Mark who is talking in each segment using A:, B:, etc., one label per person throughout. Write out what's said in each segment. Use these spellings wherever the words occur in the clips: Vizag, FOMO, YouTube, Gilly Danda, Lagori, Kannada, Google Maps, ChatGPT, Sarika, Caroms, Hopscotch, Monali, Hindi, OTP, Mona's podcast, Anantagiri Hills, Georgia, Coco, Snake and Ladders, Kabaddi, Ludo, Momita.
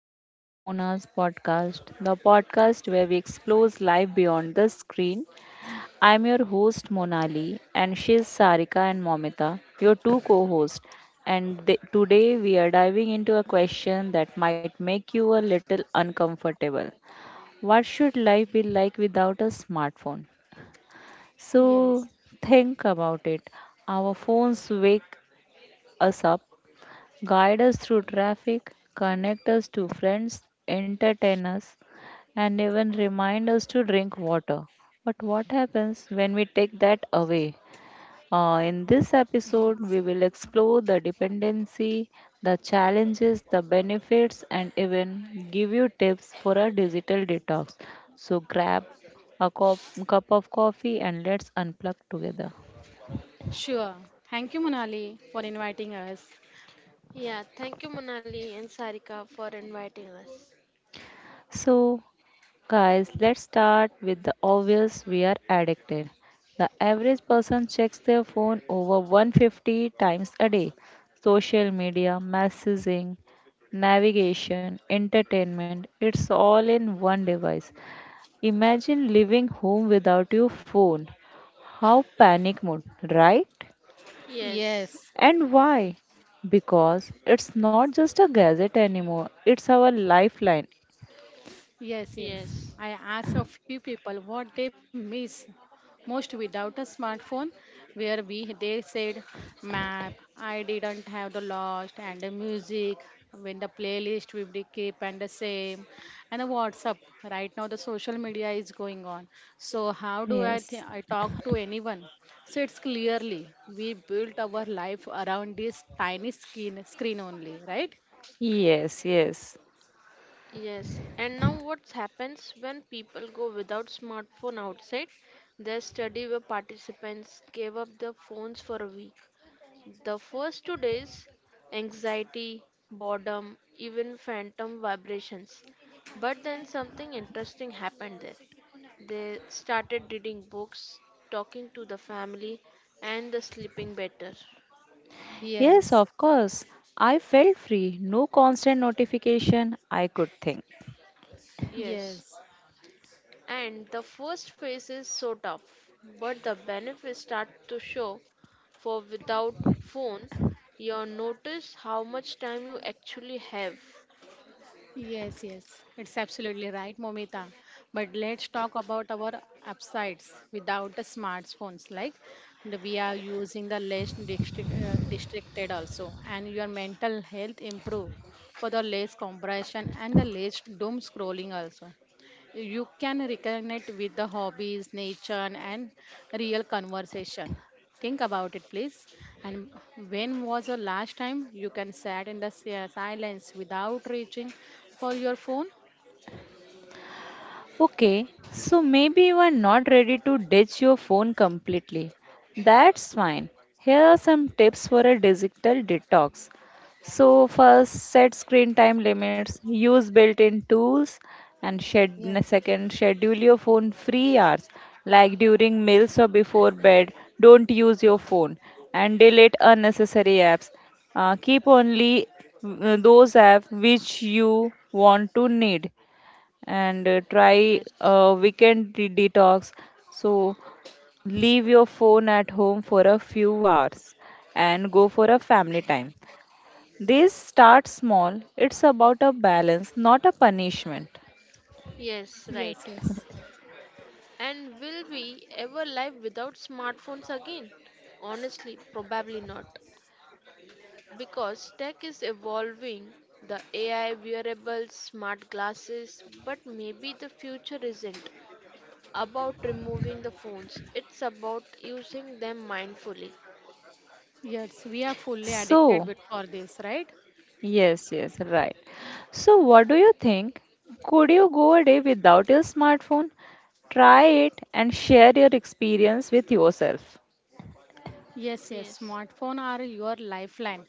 A: Welcome to Mona's podcast, the podcast where we explore life beyond the screen. I'm your host Monali, and she's Sarika and Momita, your two co-hosts. And today we are diving into a question that might make you a little uncomfortable. What should life be like without a smartphone? So
B: Yes.
A: think about it. Our phones wake us up, guide us through traffic, connect us to friends, entertain us, and even remind us to drink water. But what happens when we take that away? In this
B: Yes.
A: episode, we will explore the dependency, the challenges, the benefits, and even give you tips for a digital detox. So grab a cup of coffee and let's unplug together.
B: Sure. Thank you, Monali, for inviting us.
C: Yeah, thank you, Monali and Sarika, for inviting us.
A: So, guys, let's start with the obvious: we are addicted. The average person checks their phone over 150 times a day. Social media, messaging, navigation, entertainment, it's all in one device. Imagine living home without your phone. How panic mode, right?
C: Yes,
B: Yes.
A: And why? Because it's not just a gadget anymore, it's our lifeline.
B: Yes, yes.
C: yes,
B: I asked a few people what they miss most without a smartphone, where we they said map, I didn't have the lost and the music when the playlist we will be keep and the same and the WhatsApp. Right now the social media is going on. So how do I
A: Yes.
B: think I talk to anyone? So it's clearly we built our life around this tiny screen only, right?
A: Yes, yes.
C: yes. And now, what happens when people go without smartphone outside? There's study where participants gave up their phones for a week. The first two days, anxiety, boredom, even phantom vibrations. But then something interesting happened there. They started reading books, talking to the family, and the sleeping better.
A: Yes,
B: Yes.
A: of course. I felt free, no constant notification. I could think.
C: Yes,
B: Yes.
C: and the first phase is so tough, but the benefits start to show. For without phone, you notice how much time you actually have.
B: Yes, yes, it's absolutely right, Momita. But let's talk about our upsides without the smartphones. Like we are using the less district, distracted also, and your mental health improve for the less compression and the less doom scrolling also. You can reconnect with the hobbies, nature, and real conversation. Think about it, please. And when was the last time you can sat in the silence without reaching for your phone?
A: Okay, so maybe you are not ready to ditch your phone completely. That's fine. Here are some tips for a digital detox. So, first, set screen time limits, use built in tools, and
B: Yes.
A: shed, second, schedule your phone free hours like during meals or before bed. Don't use your phone and delete unnecessary apps. Keep only those apps which you want to need, and
C: Yes,
A: try a weekend detox. So, leave your phone at home for a few hours and go for a family time. This start small, it's about a balance, not a punishment.
C: yes,
B: Yes,
C: right.
B: yes.
C: And will we ever live without smartphones again? Honestly, probably not. Because tech is evolving, the AI wearables, smart glasses, but maybe the future isn't about removing the phones. It's about using them mindfully.
B: Yes, we are fully
A: So,
B: addicted with for this, right?
A: yes, yes, right. So, what do you think? Could you go a day without your smartphone? Try it and share your experience with yourself.
B: Yes, yes.
C: Yes.
B: Smartphone are your lifeline.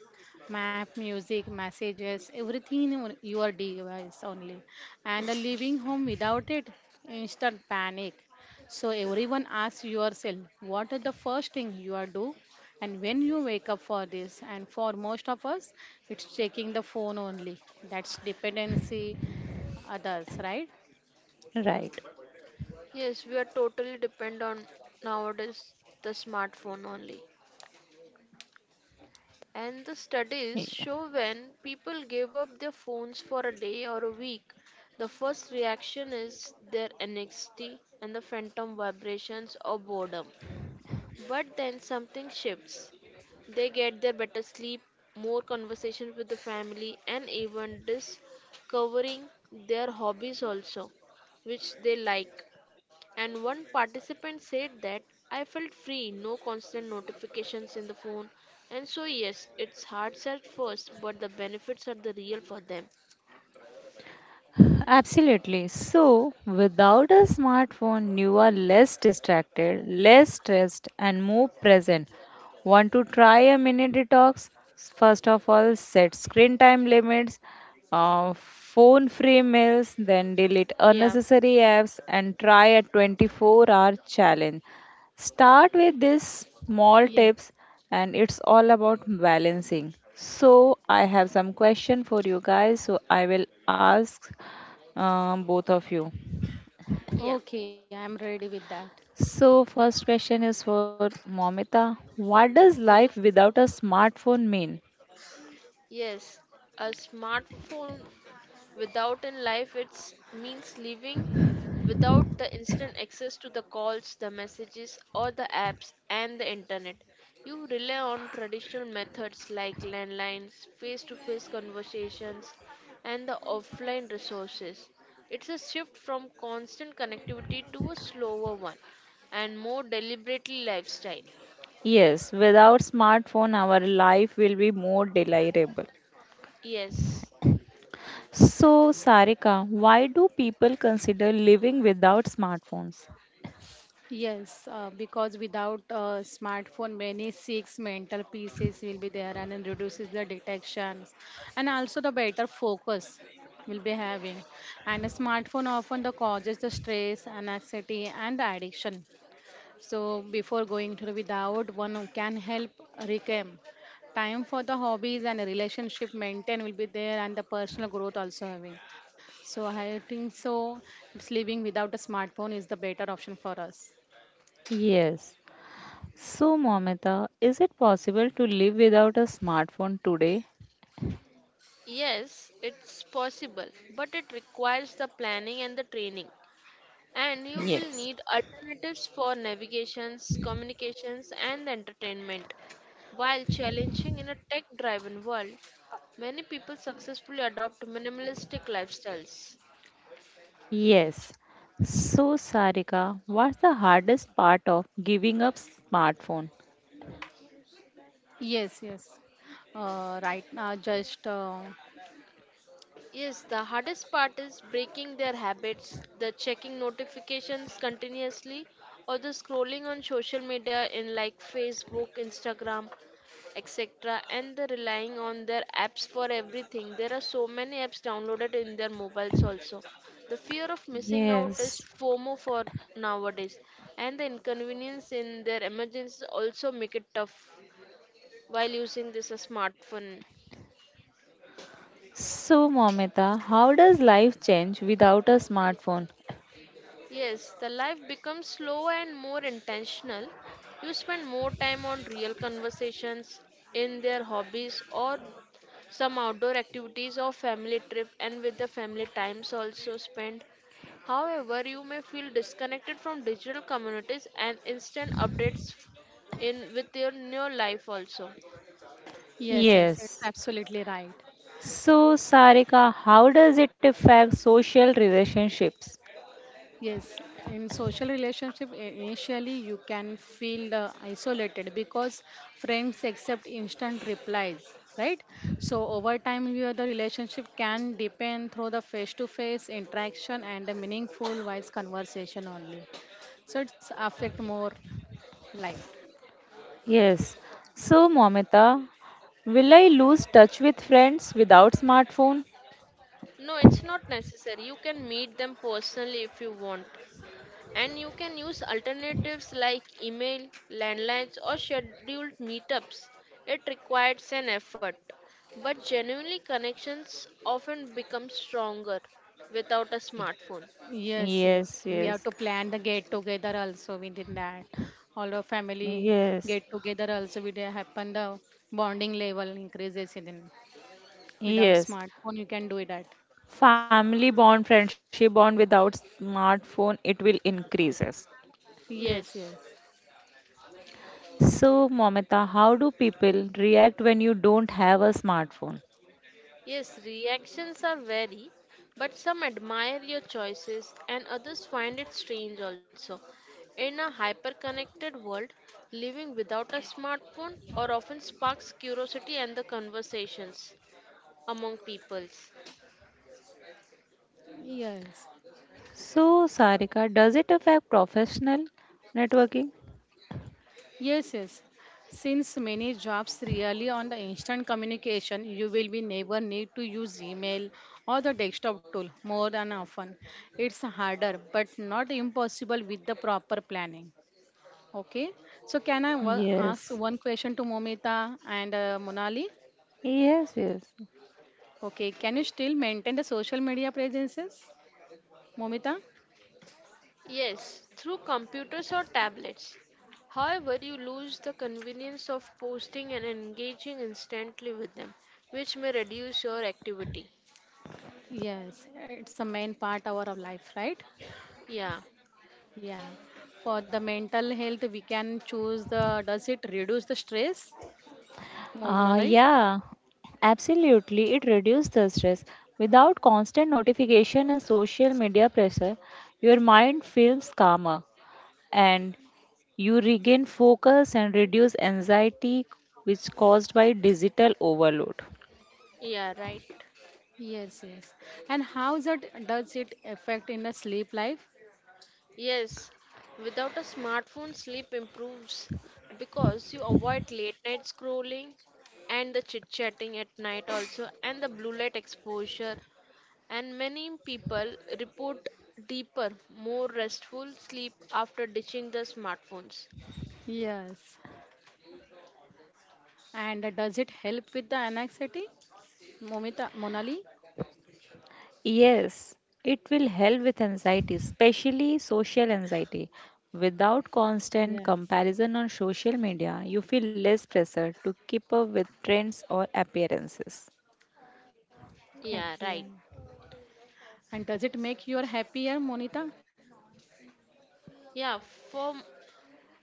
B: Map, music, messages, everything in your device only. And leaving home without it, instant panic. So everyone asks yourself, what is the first thing you are do? And when you wake up for this, and for most of us, it's checking the phone only. That's dependency others, right?
A: Right.
C: Yes, we are totally depend on nowadays the smartphone only. And the studies
A: Yeah.
C: show when people give up their phones for a day or a week, the first reaction is their anxiety and the phantom vibrations or boredom. But then something shifts. They get their better sleep, more conversation with the family, and even discovering their hobbies also, which they like. And one participant said that I felt free, no constant notifications in the phone. And so, yes, it's hard at first, but the benefits are the real for them.
A: Absolutely. So, without a smartphone, you are less distracted, less stressed, and more present. Want to try a mini detox? First of all, set screen time limits, phone free
C: Yeah,
A: meals, then delete unnecessary apps, and try a 24-hour challenge. Start with these
B: Yes.
A: small tips, and it's all about balancing. So, I have some question for you guys. So, I will ask both of you.
C: yeah,
B: Okay, I'm ready with that.
A: So, first question is for Momita. What does
C: yes,
A: life without a smartphone mean?
C: yes. A smartphone without in life it means living without the instant access to the calls, the messages, or the apps and the internet. You rely on traditional methods like landlines, face to face conversations, and the offline resources. It's a shift from constant connectivity to a slower one and more deliberately lifestyle.
A: Yes, without smartphone, our life will be more desirable.
C: Yes.
A: So, Sarika, why do people consider living without smartphones?
B: Yes, because without a smartphone, many six mental pieces will be there and it reduces the detections and also the better focus will be having. And a smartphone often the causes the stress, and anxiety and the addiction. So before going to the without, one can help reclaim time for the hobbies and a relationship maintain will be there and the personal growth also having. So I think so it's living without a smartphone is the better option for us.
A: Yes. So, Momita, is it possible to live without a smartphone today?
C: Yes, it's possible, but it requires the planning and the training, and you will
A: Yes.
C: need alternatives for navigations, communications, and entertainment. While challenging in a tech driven world, many people successfully adopt minimalistic lifestyles.
A: Yes. So, Sarika, what's the hardest part of giving up smartphone?
B: Yes, yes. Right. Just
C: Yes, the hardest part is breaking their habits, the checking notifications continuously, or the scrolling on social media in like Facebook, Instagram, etc., and the relying on their apps for everything. There are so many apps downloaded in their mobiles also. The fear of missing out is
A: Yes.
C: FOMO for nowadays, and the inconvenience in their emergencies also make it tough while using this a smartphone.
A: So, Momita, how does life change without a smartphone?
C: Yes, the life becomes slower and more intentional. You spend more time on real conversations, in their hobbies, or some outdoor activities or family trip, and with the family times also spent. However, you may feel disconnected from digital communities and instant updates in with your new life also.
B: yes, yes. It's
A: Yes.
B: absolutely right.
A: So, Sarika, how does it affect social relationships?
B: Yes, in social relationship, initially you can feel isolated because friends accept instant replies, right? So over time, your the relationship can depend through the face-to-face interaction and the meaningful, wise conversation only. So it's affect more like.
A: Yes. So, Momita, will I lose touch with friends without smartphone?
C: No, it's not necessary. You can meet them personally if you want. And you can use alternatives like email, landlines, or scheduled meetups. It requires an effort, but genuinely connections often become stronger without a smartphone.
B: Yes, yes.
A: Yes,
B: We have
A: yes,
B: to plan the get together also within that. All our family
A: yes,
B: get together also will happen the bonding level increases in without
A: yes.
B: smartphone you can do it at.
A: Family bond, friendship bond without smartphone, it will increases.
B: Yes,
C: Yes,
B: yes.
A: So, Momita, how do people react when you don't have a smartphone?
C: yes, reactions are vary, but some admire your choices and others find it strange also. In a hyper connected world, living without a smartphone or often sparks curiosity and the conversations among peoples.
B: Yes.
A: So, Sarika, does it affect professional networking?
B: Yes, yes. Since many jobs really on the instant communication, you will be never need to use email or the desktop tool more than often. It's harder, but not impossible with the proper planning. Okay. So can I ask
A: Yes.
B: one question to Momita and Monali?
A: Yes, yes.
B: Okay. Can you still maintain the social media presences, Momita?
C: Yes, through computers or tablets. However, you lose the convenience of posting and engaging instantly with them, which may reduce your activity.
B: Yes, it's the main part of our life, right?
C: Yeah,
B: Yeah. For the mental health, we can choose the. Does it reduce the stress, Monali?
A: Yeah, absolutely. It reduces the stress. Without constant notification and social media pressure, your mind feels calmer, and you regain focus and reduce anxiety which caused by digital overload.
C: yeah, right.
B: Yes, yes. And how that does it affect in the sleep life?
C: Yes, without a smartphone, sleep improves because you avoid late night scrolling and the chit chatting at night, also, and the blue light exposure. And many people report deeper, more restful sleep after ditching the smartphones.
B: Yes. And does it help with the anxiety, Momita, Monali?
A: Yes, it will help with anxiety, especially social anxiety. Without constant
B: Yes.
A: comparison on social media, you feel less pressure to keep up with trends or appearances.
B: Okay.
C: Yeah, right.
B: And does it make you happier, Monita?
C: Yeah, for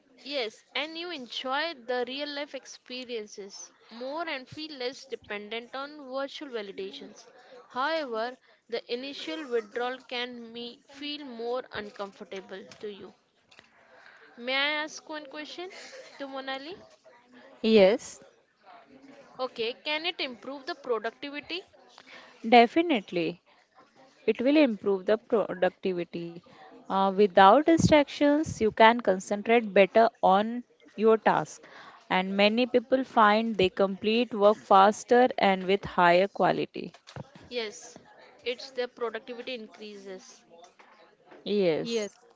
C: yes, and you enjoy the real life experiences more and feel less dependent on virtual validations. However, the initial withdrawal can me feel more uncomfortable to you. May I ask one question to Monali?
A: Yes,
C: Okay, can it improve the productivity?
A: definitely. It will improve the productivity. Without distractions, you can concentrate better on your task. And many people find they complete work faster and with higher quality.
C: Yes, it's the productivity increases.
A: Yes.
B: Yes.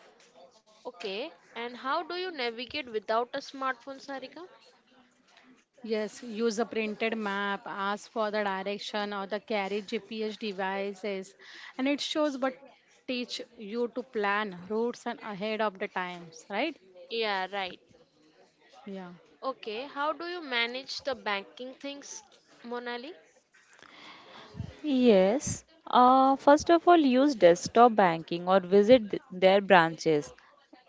C: Okay, and how do you navigate without a smartphone, Sarika?
B: Yes, use a printed map, ask for the direction or the carry GPS devices and it shows but teach you to plan routes and ahead of the times, right?
C: Yeah, right.
B: Yeah.
C: Okay, how do you manage the banking things, Monali?
A: Yes. First of all, use desktop banking or visit their branches,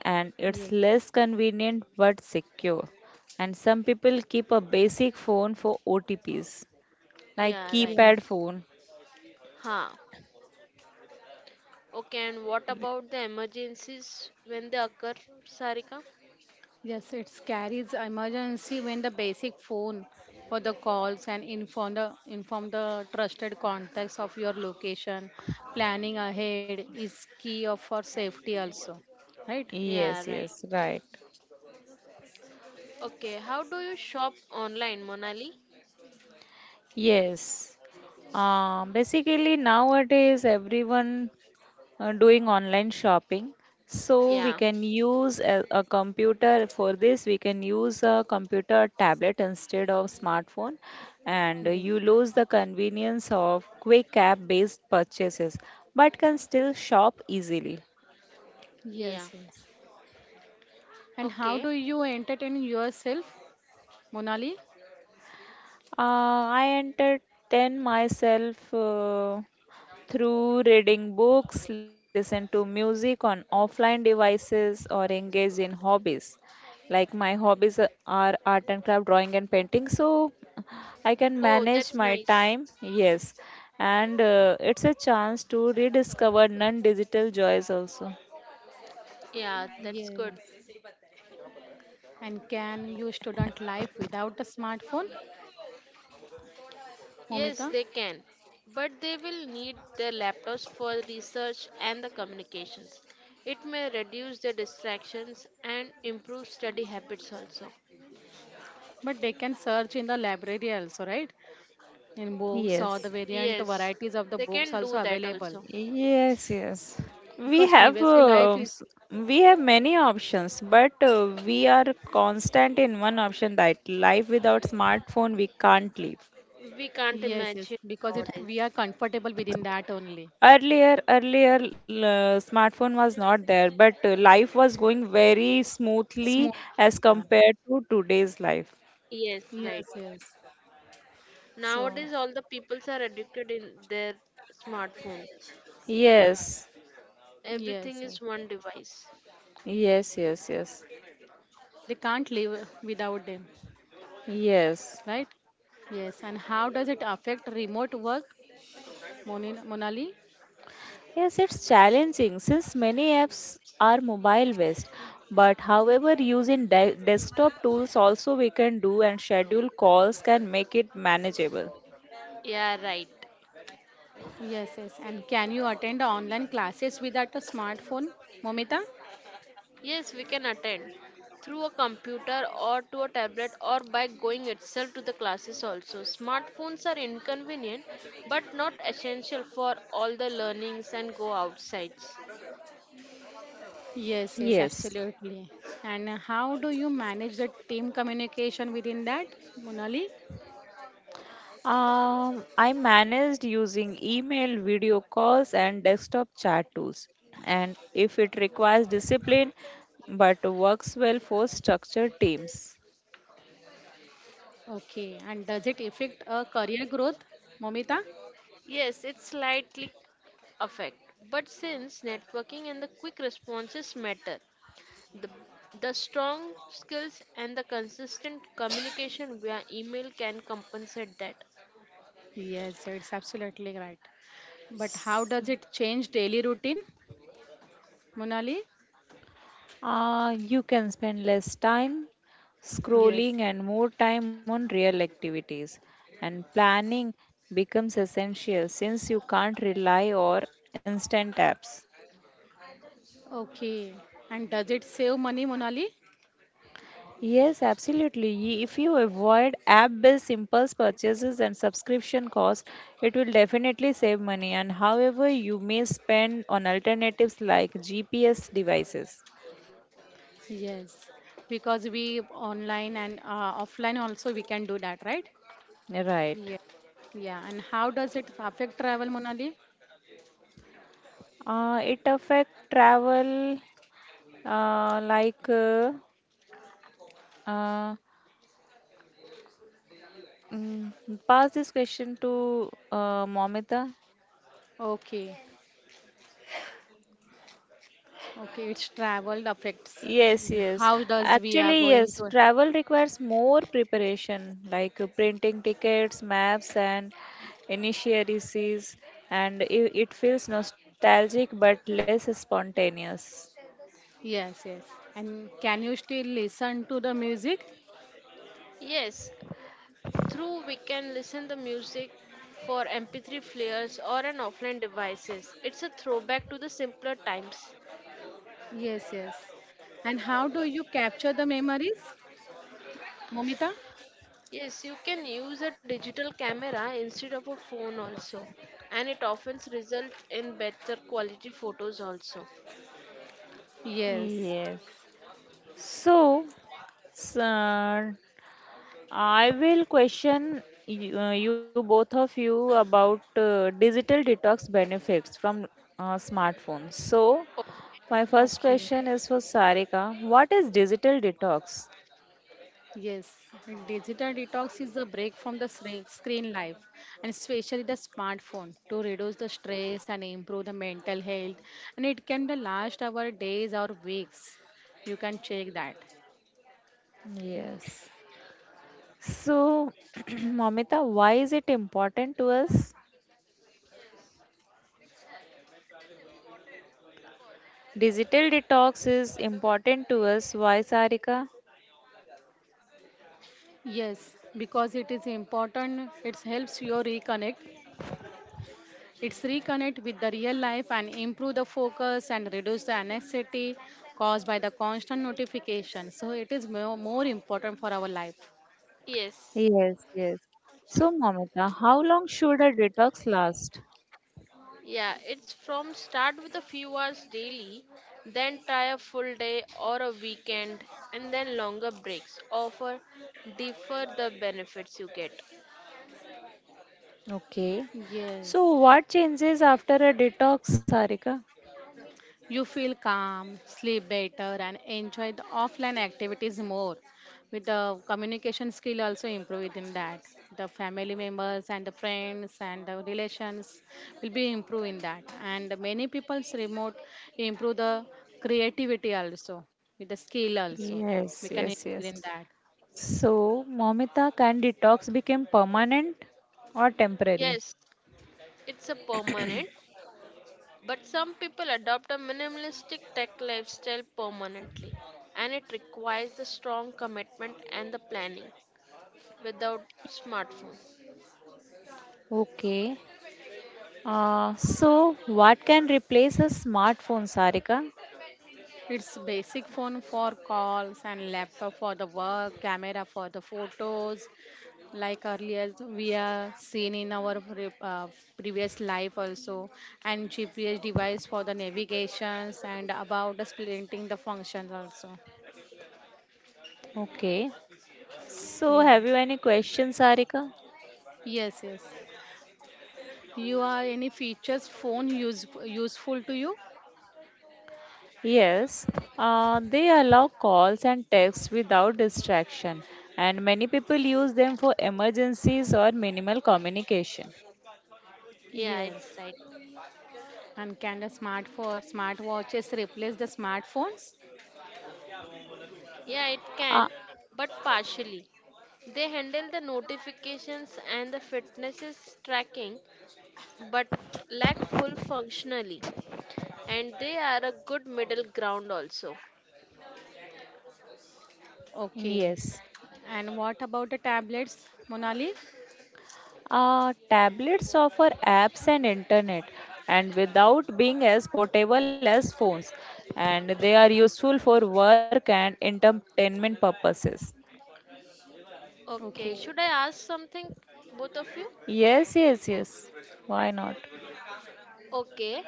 A: and it's
B: Yes.
A: less convenient but secure. And some people keep a basic phone for OTPs, like
C: Yeah, right.
B: Yes.
A: keypad phone.
C: Huh. Okay, and what about the emergencies when they occur, Sarika?
B: Yes, it carries emergency when the basic phone for the calls and inform the trusted contacts of your location. Planning ahead is key of for safety also, right?
C: Yeah,
A: Yes,
C: right.
A: yes, right.
C: Okay, how do you shop online, Monali?
A: Yes. Basically, nowadays everyone doing online shopping. So we
C: Yeah,
A: can use a computer for this. We can use a computer tablet instead of smartphone, and you
B: Yes,
A: lose the convenience of quick app-based purchases, but can still shop easily.
B: yes.
C: yeah.
B: Yes. And how do
C: Okay.
B: you entertain yourself, Monali?
A: I entertain myself through reading books, listen to music on offline devices, or engage in hobbies. Like my hobbies are art and craft, drawing and painting, so I can
C: Oh,
A: manage
C: that's
A: my time.
C: nice.
A: Yes, and it's a chance to rediscover non-digital joys also.
C: Yeah, that's
B: Yes.
C: good.
B: And can you student life without a smartphone, Momita?
C: Yes, they can, but they will need their laptops for research and the communications. It may reduce their distractions and improve study habits also.
B: But they can search in the library also, right? In books or
A: Yes.
B: the variant
C: Yes,
B: varieties of the
C: they
B: books
C: can do
B: also
C: that
B: available.
C: also.
A: Yes, yes. We
B: Because
A: have
B: previously
A: uh,
B: life is
A: s- we have many options, but we are constant in one option that life without smartphone we can't live.
C: We can't
B: yes, yes.
C: imagine
B: Because it
C: nowadays.
B: we are comfortable within that only.
A: Earlier, smartphone was not there, but life was going very smoothly
B: Smooth.
A: as
B: Yeah.
A: compared to today's life.
C: Yes, right.
B: Yes, yes.
C: Nowadays,
B: So
C: all the peoples are addicted in their smartphone.
A: Yes,
C: Everything is
B: yes, yes.
C: one device.
A: yes, yes, yes,
B: They can't live without them.
A: yes.
B: Right? Yes, and how does it affect remote work, Monali?
A: Yes, it's challenging since many apps are mobile based. But however, using desktop tools also we can do, and schedule calls can make it manageable.
C: Yeah, right.
B: Yes, yes, and can you attend online classes without a smartphone, Momita?
C: Yes, we can attend through a computer or to a tablet or by going itself to the classes also. Smartphones are inconvenient but not essential for all the learnings and go outsides.
B: Yes, yes,
A: Yes.
B: absolutely. And how do you manage the team communication within that, Monali?
A: I managed using email, video calls, and desktop chat tools. And if it requires discipline, but works well for structured teams.
B: Okay, and does it affect career growth, Momita?
C: Yes, it's slightly affect. But since networking and the quick responses matter, the the strong skills and the consistent communication via email can compensate that.
B: Yes, it's absolutely right. But how does it change daily routine, Monali?
A: You can spend less time
B: Yes.
A: scrolling and more time on real activities. And planning becomes essential since you can't rely on instant apps.
B: Okay, and does it save money, Monali?
A: Yes, absolutely. If you avoid app-based impulse purchases and subscription costs, it will definitely save money. And however, you may spend on alternatives like GPS devices.
B: Yes, because we online and offline also we can do that, right?
A: Right.
B: Yeah, yeah. And how does it affect travel, Monali?
A: It affect travel. Like, uh, mm, pass this question to Momita.
B: Okay, okay. It's travel affects.
A: Yes, yes.
B: How does we are
A: Actually,
B: going
A: yes.
B: to?
A: Travel requires more preparation, like printing tickets, maps, and initiaries, and it feels nostalgic but less spontaneous.
B: Yes, yes. And can you still listen to the music?
C: Yes, through we can listen the music for MP3 players or an offline devices. It's a throwback to the simpler times.
B: Yes, yes. And how do you capture the memories, Momita?
C: Yes, you can use a digital camera instead of a phone also, and it often results in better quality photos also.
B: Yes.
A: Yes. So, s- uh, I will question you, you both of you about digital detox benefits from smartphones. So,
C: Oh,
A: my first
B: Okay.
A: question is for Sarika. What is digital detox?
B: Yes, digital detox is a break from the screen life and especially the smartphone to reduce the stress and improve the mental health. And it can the last our days or weeks. You can check that.
A: Yes. So, Mamita, why is it important to us? Digital detox is important to us. Why, Sarika?
B: Yes, because it is important. It helps you reconnect. It's reconnect with the real life and improve the focus and reduce the anxiety caused by the constant notification. So it is more important for our life.
C: yes.
A: Yes, yes. So, Mamita, how long should a detox last?
C: Yeah, it's from start with a few hours daily, then try a full day or a weekend, and then longer breaks. Offer differ the benefits you get.
A: Okay.
B: Yes.
A: So what changes after a detox, Sarika?
B: You feel calm, sleep better, and enjoy the offline activities more. With the communication skill also improve within that. The family members and the friends and the relations will be improve in that. And many people's remote improve the creativity also with the skill also. We
A: Yes,
B: can
A: yes,
B: improve
A: yes.
B: in that.
A: So, Momita, can detox become permanent or temporary?
C: Yes, it's a permanent, but some people adopt a minimalistic tech lifestyle permanently, and it requires the strong commitment and the planning without smartphone.
A: Okay. So what can replace a smartphone, Sarika?
B: It's basic phone for calls and laptop for the work, camera for the photos. Like earlier, we are seen in our previous life also, and GPS device for the navigations and about splitting the functions also.
A: Okay. So
B: Yeah.
A: have you any questions, Sarika?
B: Yes. Yes. You are any features phone useful to you?
A: Yes. They allow calls and texts without distraction, and many people use them for emergencies or minimal communication.
C: Yeah,
B: Yes.
C: it's right.
B: And can the smartwatches replace the smartphones?
C: Yeah, it can,
A: Uh,
C: but partially. They handle the notifications and the fitnesses tracking, but lack full functionally, and they are a good middle ground also.
B: Okay.
A: yes.
B: And what about the tablets, Monali?
A: Tablets offer apps and internet, and without being as portable as phones, and they are useful for work and entertainment purposes.
C: Okay,
B: Okay.
C: should I ask something, both of you?
A: Yes, yes, yes. Why not?
C: Okay.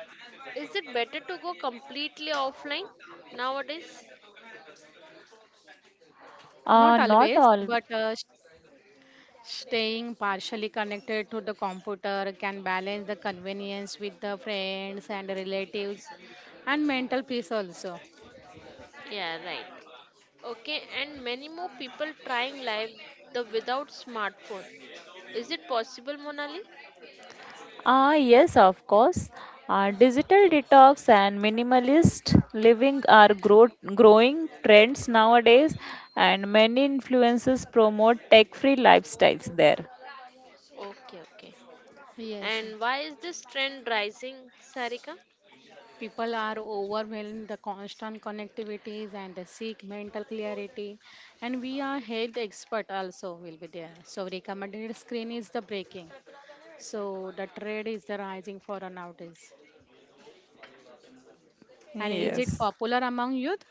C: Is it better to go completely offline nowadays?
B: Not always,
A: Not
B: but
A: all.
B: staying partially connected to the computer can balance the convenience with the friends and relatives and mental peace also.
C: Yeah, right. Okay, and many more people trying live the without smartphone. Is it possible, Monali?
A: Ah, yes, of course. Digital detox and minimalist living are growing trends nowadays, and many influencers promote tech free lifestyles there.
C: Okay, okay.
B: Yes.
C: And why is this trend rising, Sarika?
B: People are overwhelmed the constant connectivities and the seek mental clarity and we are health expert also will be there. So recommended screen is the breaking. So the trade is the rising for a nowadays. And is it
A: Yes.
B: popular among youth,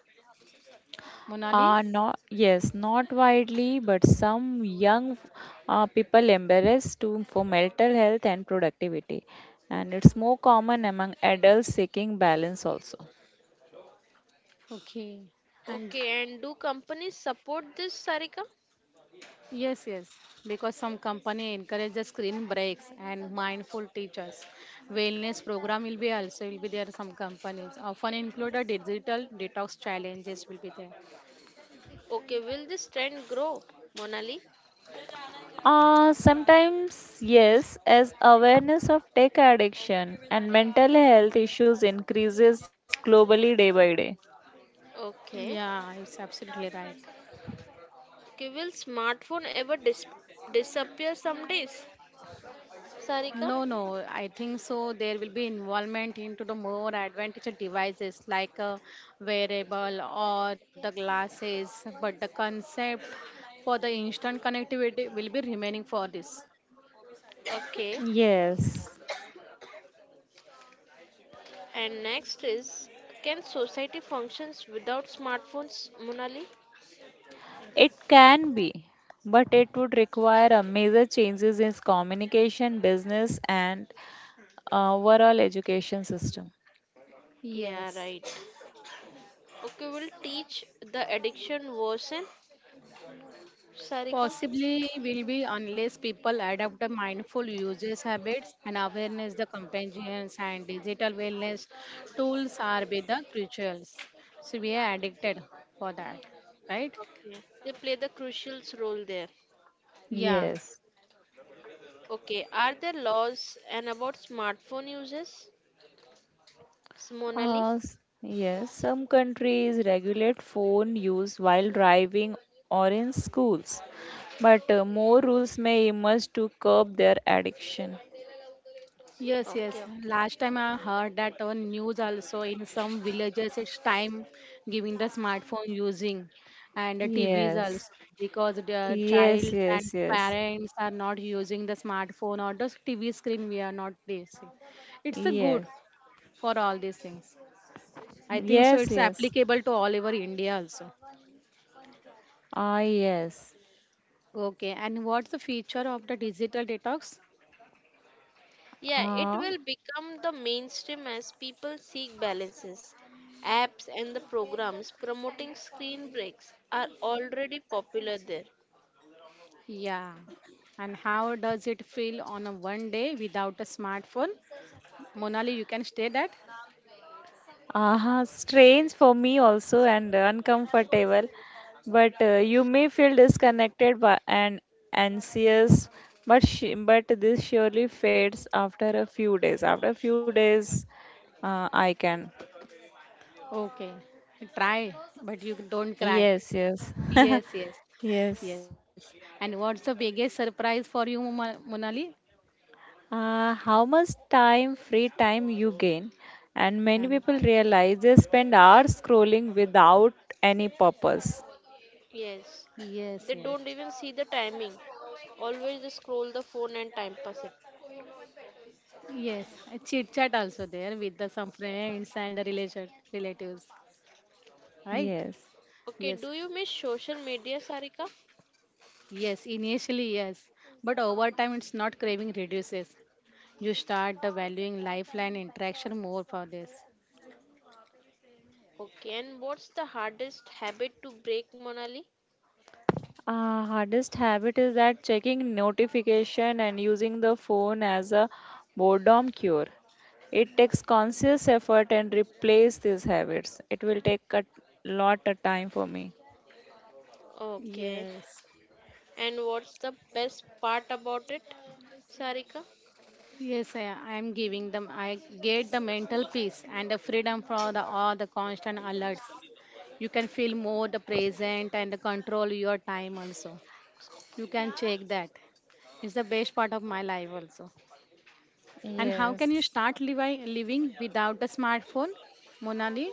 B: Monali?
A: Are not, yes, not widely, but some young people embrace to for mental health and productivity, and it's more common among adults seeking balance also.
B: Okay. And
C: Okay, and do companies support this, Sarika?
B: yes, yes, because some company encourages screen breaks and mindful teachers. Wellness program will be also will be there. Some companies often include a digital detox challenges will be there.
C: Okay, will this trend grow, Monali?
A: Sometimes yes, as awareness of tech addiction and mental health issues increases globally day by day.
C: Okay.
B: Yeah, it's absolutely right.
C: Okay, will smartphone ever disappear some days, Sarika?
B: No, I think so. There will be involvement into the more advantage devices like a wearable or the glasses, but the concept for the instant connectivity will be remaining for this.
C: Okay.
A: Yes.
C: And next is, can society functions without smartphones, Monali?
A: It can be, but it would require a major changes in communication, business, and overall education system.
C: Yeah,
B: Yes.
C: right. Okay, will teach the addiction worsen, Sarika?
B: Possibly will be unless people adopt the mindful usage habits and awareness, the companions and digital wellness tools are be the crucials. So we are addicted for that, right?
C: Okay. They play the crucial role there.
B: Yeah.
A: Yes.
C: Okay, are there laws and about smartphone uses, Monali?
A: Yes, some countries regulate phone use while driving or in schools, but more rules may emerge to curb their addiction.
B: Yes,
C: Okay,
B: yes.
C: okay.
B: Last time I heard that on news also in some villages it's time giving the smartphone using and the TVs
A: Yes.
B: also because the
A: Yes,
B: childs and
A: yes, yes.
B: parents are not using the smartphone or the TV screen we are not facing. It's a good
A: Yes.
B: for all these things. I think so
A: Yes,
B: it's
A: yes.
B: applicable to all over India also.
A: Ah, yes.
B: Okay, and what's the feature of the digital detox?
C: Yeah, it will become the mainstream as people seek balances. Apps and the programs promoting screen breaks are already popular there.
B: Yeah. And how does it feel on a one day without a smartphone? Monali, you can stay that?
A: Strange for me also and uncomfortable, but you may feel disconnected by, and anxious, but this surely fades after a few days. After a few days, I can.
B: Okay. Try, but you don't cry.
A: Yes, yes,
B: Yes, yes,
A: yes.
B: yes. And what's the biggest surprise for you, Monali?
A: How much time, free time you gain? And many
B: Um,
A: people realize they spend hours scrolling without any purpose.
C: Yes,
B: yes,
C: they
B: yes.
C: don't even see the timing. Always just scroll the phone and time pass it.
B: Yes, a chit chat also there with the some friends and the relation relatives, right?
A: Yes.
C: Okay,
B: Yes,
C: do you miss social media, Sarika?
B: yes, initially yes, but over time it's not craving reduces. You start the valuing lifeline interaction more for this.
C: Okay, and what's the hardest habit to break, Monali?
A: Hardest habit is that checking notification and using the phone as a boredom cure. It takes conscious effort and replace these habits. It will take a lot of time for me.
C: Okay,
B: Yes,
C: and what's the best part about it, Sarika?
B: yes, I am giving them. I get the mental peace and the freedom from the all the constant alerts. You can feel more the present and the control your time also. You can check that. It's the best part of my life also. And how can you
A: Yes.
B: start living without a smartphone, Monali?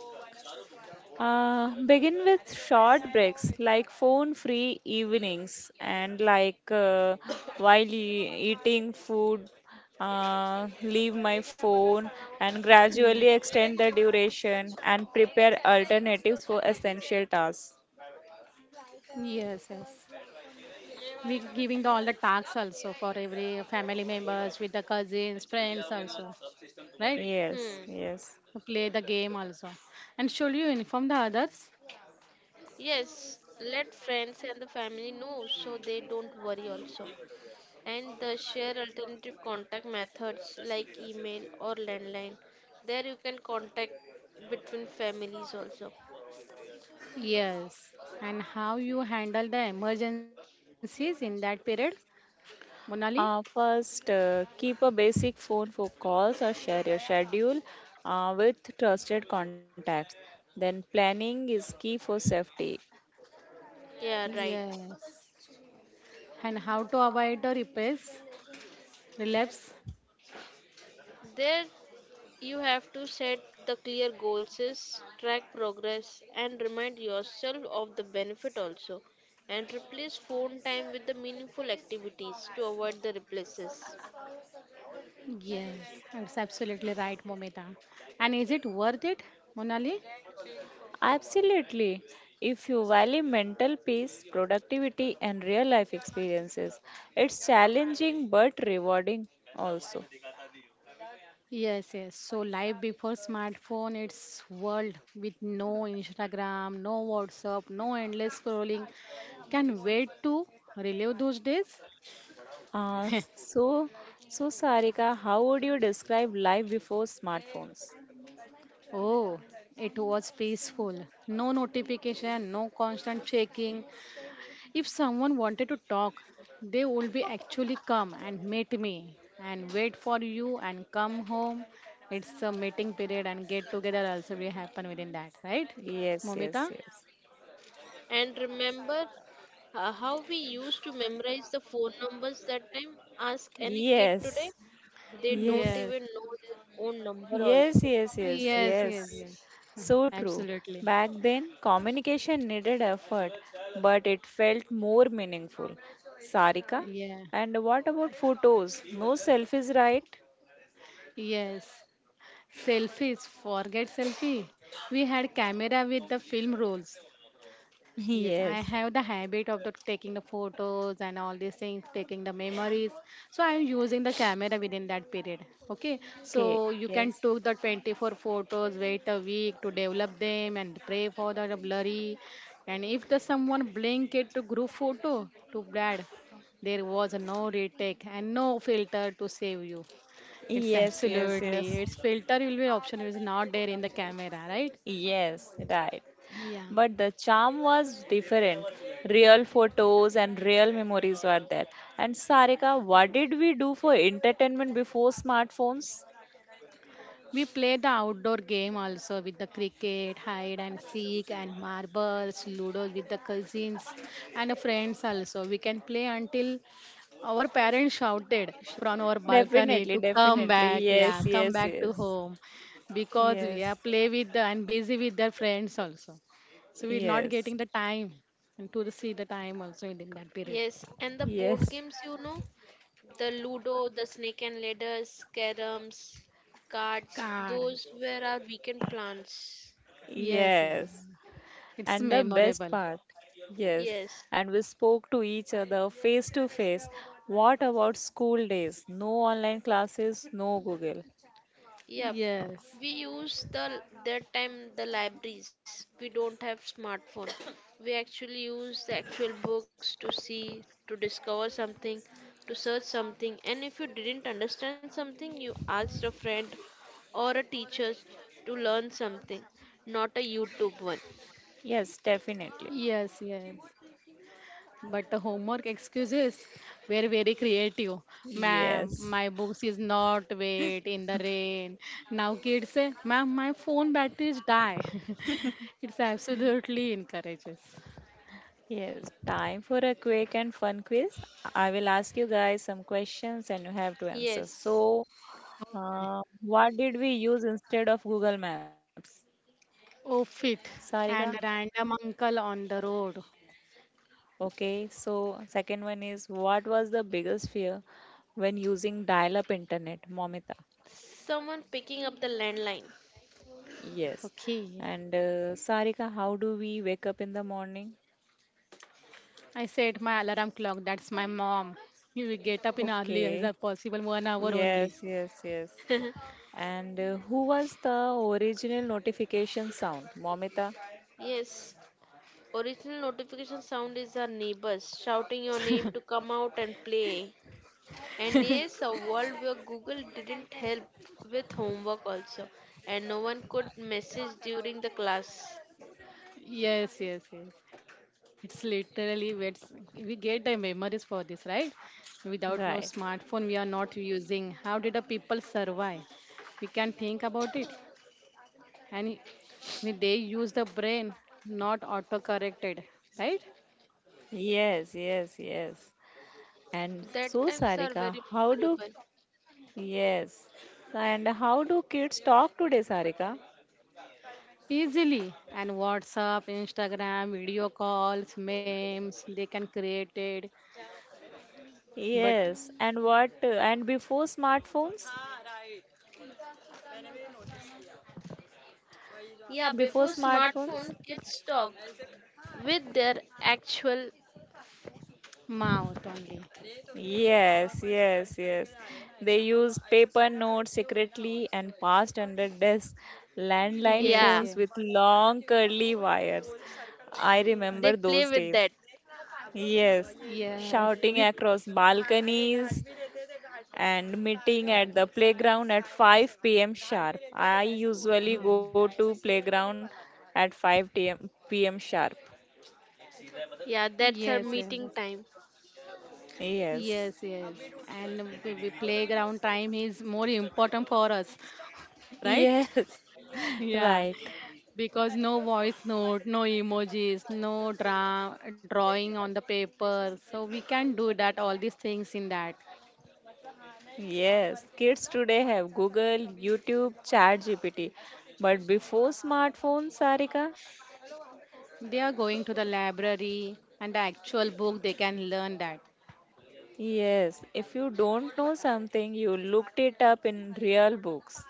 A: Begin with short breaks like phone free evenings, and like while eating food, leave my phone and gradually extend the duration and prepare alternatives for essential tasks.
B: Yes, yes. We giving the all the tasks also for every family members with the cousins, friends also, right?
C: Hmm.
A: Yes,
B: To
A: yes.
B: play the game also. And should you inform the others?
C: Yes, let friends and the family know so they don't worry also, and the share alternative contact methods like email or landline. There you can contact between families also.
B: Yes. And how you handle the emergencies in that period, Monali?
A: First, keep a basic phone for calls or share your schedule with trusted contacts. Then, planning is key for safety.
C: Yeah, right.
B: Yes. And how to avoid the repairs, relapse?
C: There you have to set the clear goals, is track progress, and remind yourself of the benefit also. And replace phone time with the meaningful activities to avoid the replaces.
B: Yes, it's absolutely right, Momita. And is it worth it, Monali?
A: Absolutely. If you value mental peace, productivity, and real life experiences, it's challenging but rewarding also.
B: Yes, yes. So life before smartphone, it's world with no Instagram, no WhatsApp, no endless scrolling. Can wait to relive those days?
A: Uh, so, so, Sarika, how would you describe life before smartphones?
B: Oh, it was peaceful. No notification, no constant checking. If someone wanted to talk, they would be actually come and meet me and wait for you and come home. It's a meeting period and get together also will happen within that, right?
A: Yes, yes,
B: Momita?
A: yes.
C: And remember how we used to memorize the phone numbers that time. Ask any kid
A: Yes,
C: today. They don't
A: yes.
B: Yes.
C: even know their own number
A: Yes,
C: also.
A: yes, yes,
B: Yes,
A: yes.
B: yes, yes.
A: So true.
B: Absolutely.
A: Back then, communication needed effort, but it felt more meaningful. Sarika,
B: Yeah.
A: and what about photos? No selfies, right?
B: Yes. Selfies. Forget selfie. We had camera with the film rolls. Yes, I
A: Yes.
B: have the habit of the taking the photos and all these things, taking the memories. So I am using the camera within that period. Okay,
A: Okay,
B: so you can
A: yes.
B: took the 24 photos, wait a week to develop them and pray for the blurry. And if the someone blink it to group photo too bad. There was no retake and no filter to save you. It's
A: Yes, yes,
B: absolutely
A: yes.
B: its filter will be option is not there in the camera, right?
A: Yes, right.
B: Yeah.
A: But the charm was different. Real photos and real memories were there. And Sarika, what did we do for entertainment before smartphones?
B: We play the outdoor game also with the cricket, hide and seek, and marbles, ludo with the cousins and friends also. We can play until our parents shouted from our balcony
A: Definitely,
B: to come back,
A: definitely.
B: yeah,
A: Yes,
B: come
A: yes,
B: back to
A: yes.
B: home because we are
A: Yes,
B: play with the, and busy with their friends also. So we're not getting
A: yes,
B: the time and to see the time also within that period.
C: Yes, and the board
A: yes,
C: games, you know the Ludo, the Snake and Ladders, Caroms, cards,
B: Card.
C: those were our weekend plans.
B: Yes, yes.
A: yes. And
B: It's
A: the best
B: memorable.
A: part, yes.
C: Yes.
A: And we spoke to each other face to face. What about school days? No online classes, no Google.
C: Yep,
B: Yes.
C: we use the that time the libraries. We don't have smartphone. We actually use the actual books to see, to discover something, to search something. And if you didn't understand something, you asked a friend or a teacher to learn something, not a YouTube one.
A: Yes, definitely.
B: Yes, yes. But the homework excuses were very creative. Ma'am,
A: Yes,
B: my books is not wet in the rain. Now kids say, ma'am, my phone batteries die. It's absolutely encourages.
A: yes. Time for a quick and fun quiz. I will ask you guys some questions and you have to answer.
C: Yes,
A: So, what did we use instead of Google Maps?
B: Oh, fit
A: Sarika?
B: and random uncle on the road.
A: Okay, so second one is, what was the biggest fear when using dial-up internet, Momita?
C: someone picking up the landline.
A: Yes.
B: Okay.
A: And Sarika, how do we wake up in the morning?
B: I set my alarm clock. That's my mom. You will get up in early
A: Okay.
B: as a possible one hour
A: Yes,
B: only.
A: yes, yes. And who was the original notification sound, Momita?
C: Yes, original notification sound is our neighbors shouting your name to come out and play. And yes, a world where Google didn't help with homework also, and no one could message during the class.
B: Yes, yes, yes. It's literally it's, we get the memories for this, right? Without no
A: Right.
B: smartphone, we are not using. How did the people survive? We can think about it, and they use the brain, not auto-corrected, right?
A: Yes, yes, yes. And
C: That
A: so,
C: times are
A: Sarika,
C: very
A: how do
C: memorable.
A: yes, and how do kids talk today, Sarika?
B: Easily and whatsapp instagram video calls memes they can create it but
A: Yes, and what? And before smartphones?
C: Yeah,
A: Before
C: before
A: smartphones?
C: smartphone, kids talked with their actual.
B: mouth only.
A: Yes, yes, yes. They use paper notes secretly and passed under desks, landline
B: Yes,
C: Yeah,
A: phones
B: yes,
A: with long curly wires. I
C: they
A: remember
C: play
A: those
C: with
A: days.
C: that.
A: Yes,
B: yes,
A: shouting
B: we.
A: across balconies and meeting at the playground at 5 p.m. sharp. I usually
B: Hmm.
A: go to playground at 5 t.m. p.m. sharp.
C: Yeah, that's our
B: Yes, yes,
C: meeting time.
A: Yes.
B: yes, yes, and we playground time is more important for us, right?
A: Yes,
B: Yeah,
A: right.
B: because no voice note, no emojis, no drawing on the paper, so we can do that all these things in that.
A: Yes, kids today have Google, YouTube, ChatGPT. But before smartphones, Sarika?
B: They are going to the library and the actual book they can learn that.
A: Yes, if you don't know something, you looked it up in real books.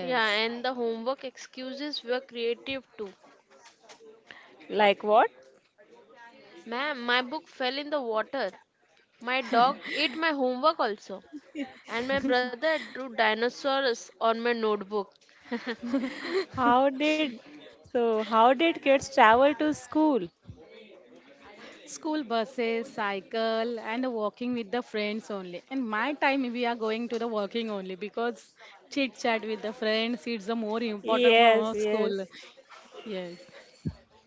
C: Yeah, and the homework excuses were creative too.
A: Like what?
C: Ma'am, my book fell in the water. My dog ate my homework also. And my brother drew dinosaurs on my notebook.
A: How did how did kids travel to school?
B: School buses, cycle, and walking with the friends only. And my time, we are going to the walking only because chit chat with the friends it's the more important for
A: Yes,
B: our
A: yes.
B: school. Yes,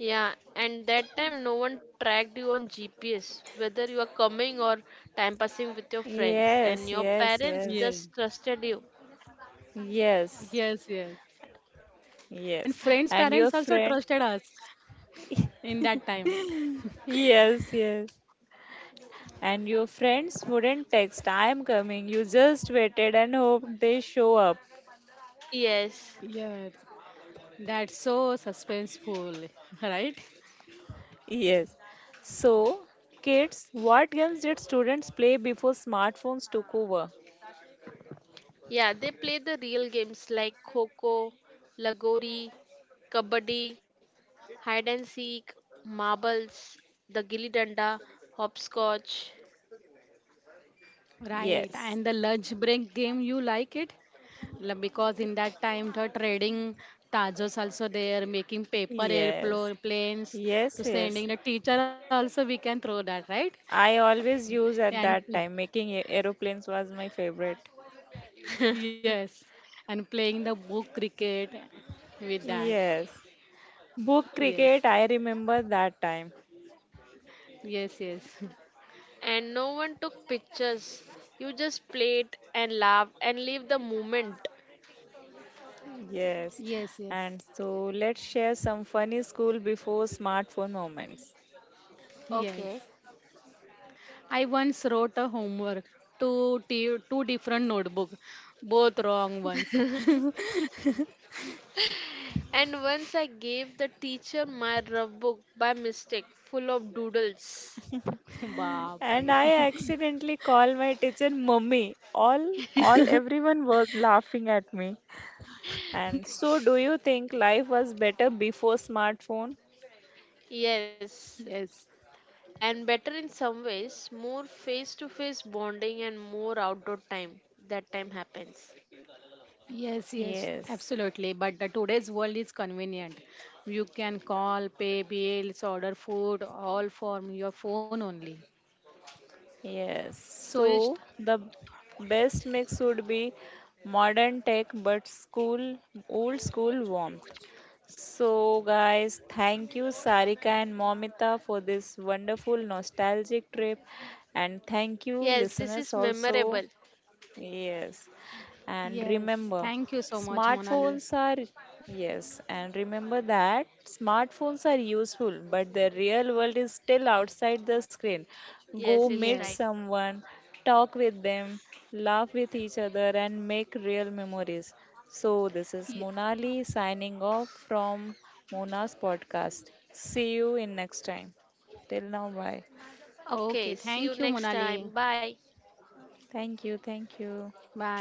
C: Yeah, and that time no one tracked you on GPS, whether you are coming or time passing with your friends,
A: Yes,
C: and your
A: yes,
C: parents
A: yes.
B: yes,
C: just trusted you.
A: Yes.
B: yes, yes. And
A: Yes.
B: friends'
A: And your
B: parents also
A: friend,
B: trusted us in that time.
A: yes, yes. And your friends wouldn't text, I am coming. You just waited and hoped they show up.
C: Yes.
B: Yes, that's so suspenseful, right?
A: Yes. So, kids, what games did students play before smartphones took over?
C: Yeah, they play the real games like Coco, Lagori, Kabaddi, Hide and Seek, Marbles, the Gilly Danda, Hopscotch.
B: Right,
A: Yes.
B: and the lunch break game, you like it? Because in that time, the trading tajos also there, making paper
A: Yes.
B: airplanes
A: Yes,
B: to
A: yes.
B: sending the teacher also, we can throw that, right?
A: I always use
B: And
A: at that time. Making aeroplanes was my favorite.
B: yes, and playing the book cricket with that.
A: Yes. Book
B: Yes,
A: cricket, I remember that time.
B: yes, yes,
C: And no one took pictures. You just played and laughed and lived the moment.
A: Yes,
B: yes, yes,
A: and so let's share some funny school before smartphone moments.
B: yes.
C: Okay.
B: I once wrote a homework, two different notebook, both wrong ones.
C: And once I gave the teacher my rough book by mistake, full of doodles.
A: And
B: Baapre.
A: I accidentally called my teacher mummy. All everyone was laughing at me. And so, do you think life was better before smartphone?
C: Yes,
B: Yes,
C: and better in some ways, more face to face bonding and more outdoor time. That time happens.
B: yes, yes,
A: Yes,
B: absolutely. But the today's world is convenient. You can call, pay bills, order food, all from your phone only.
A: yes.
B: So it's
A: So the best mix would be modern tech but school, old school warmth. So, guys, thank you, Sarika and Momita, for this wonderful nostalgic trip. And thank you,
C: Yes, this
A: listeners,
C: is
A: also.
C: memorable.
A: Yes. And
B: yes.
A: remember,
B: Thank you so much, Monali.
A: smartphones are, yes, and remember that smartphones are useful, but the real world is still outside the screen. Go
C: Yes, it's
A: meet
C: right.
B: Yes.
A: someone, talk with them, laugh with each other, and make real memories. So, this is
B: Ye-
A: Monali signing off from Mona's podcast. See you in next time. Till now, bye.
B: Okay.
C: Okay, see you
B: Thank you,
C: next
B: Monali.
C: time. Bye.
A: Thank you, thank you.
B: Bye.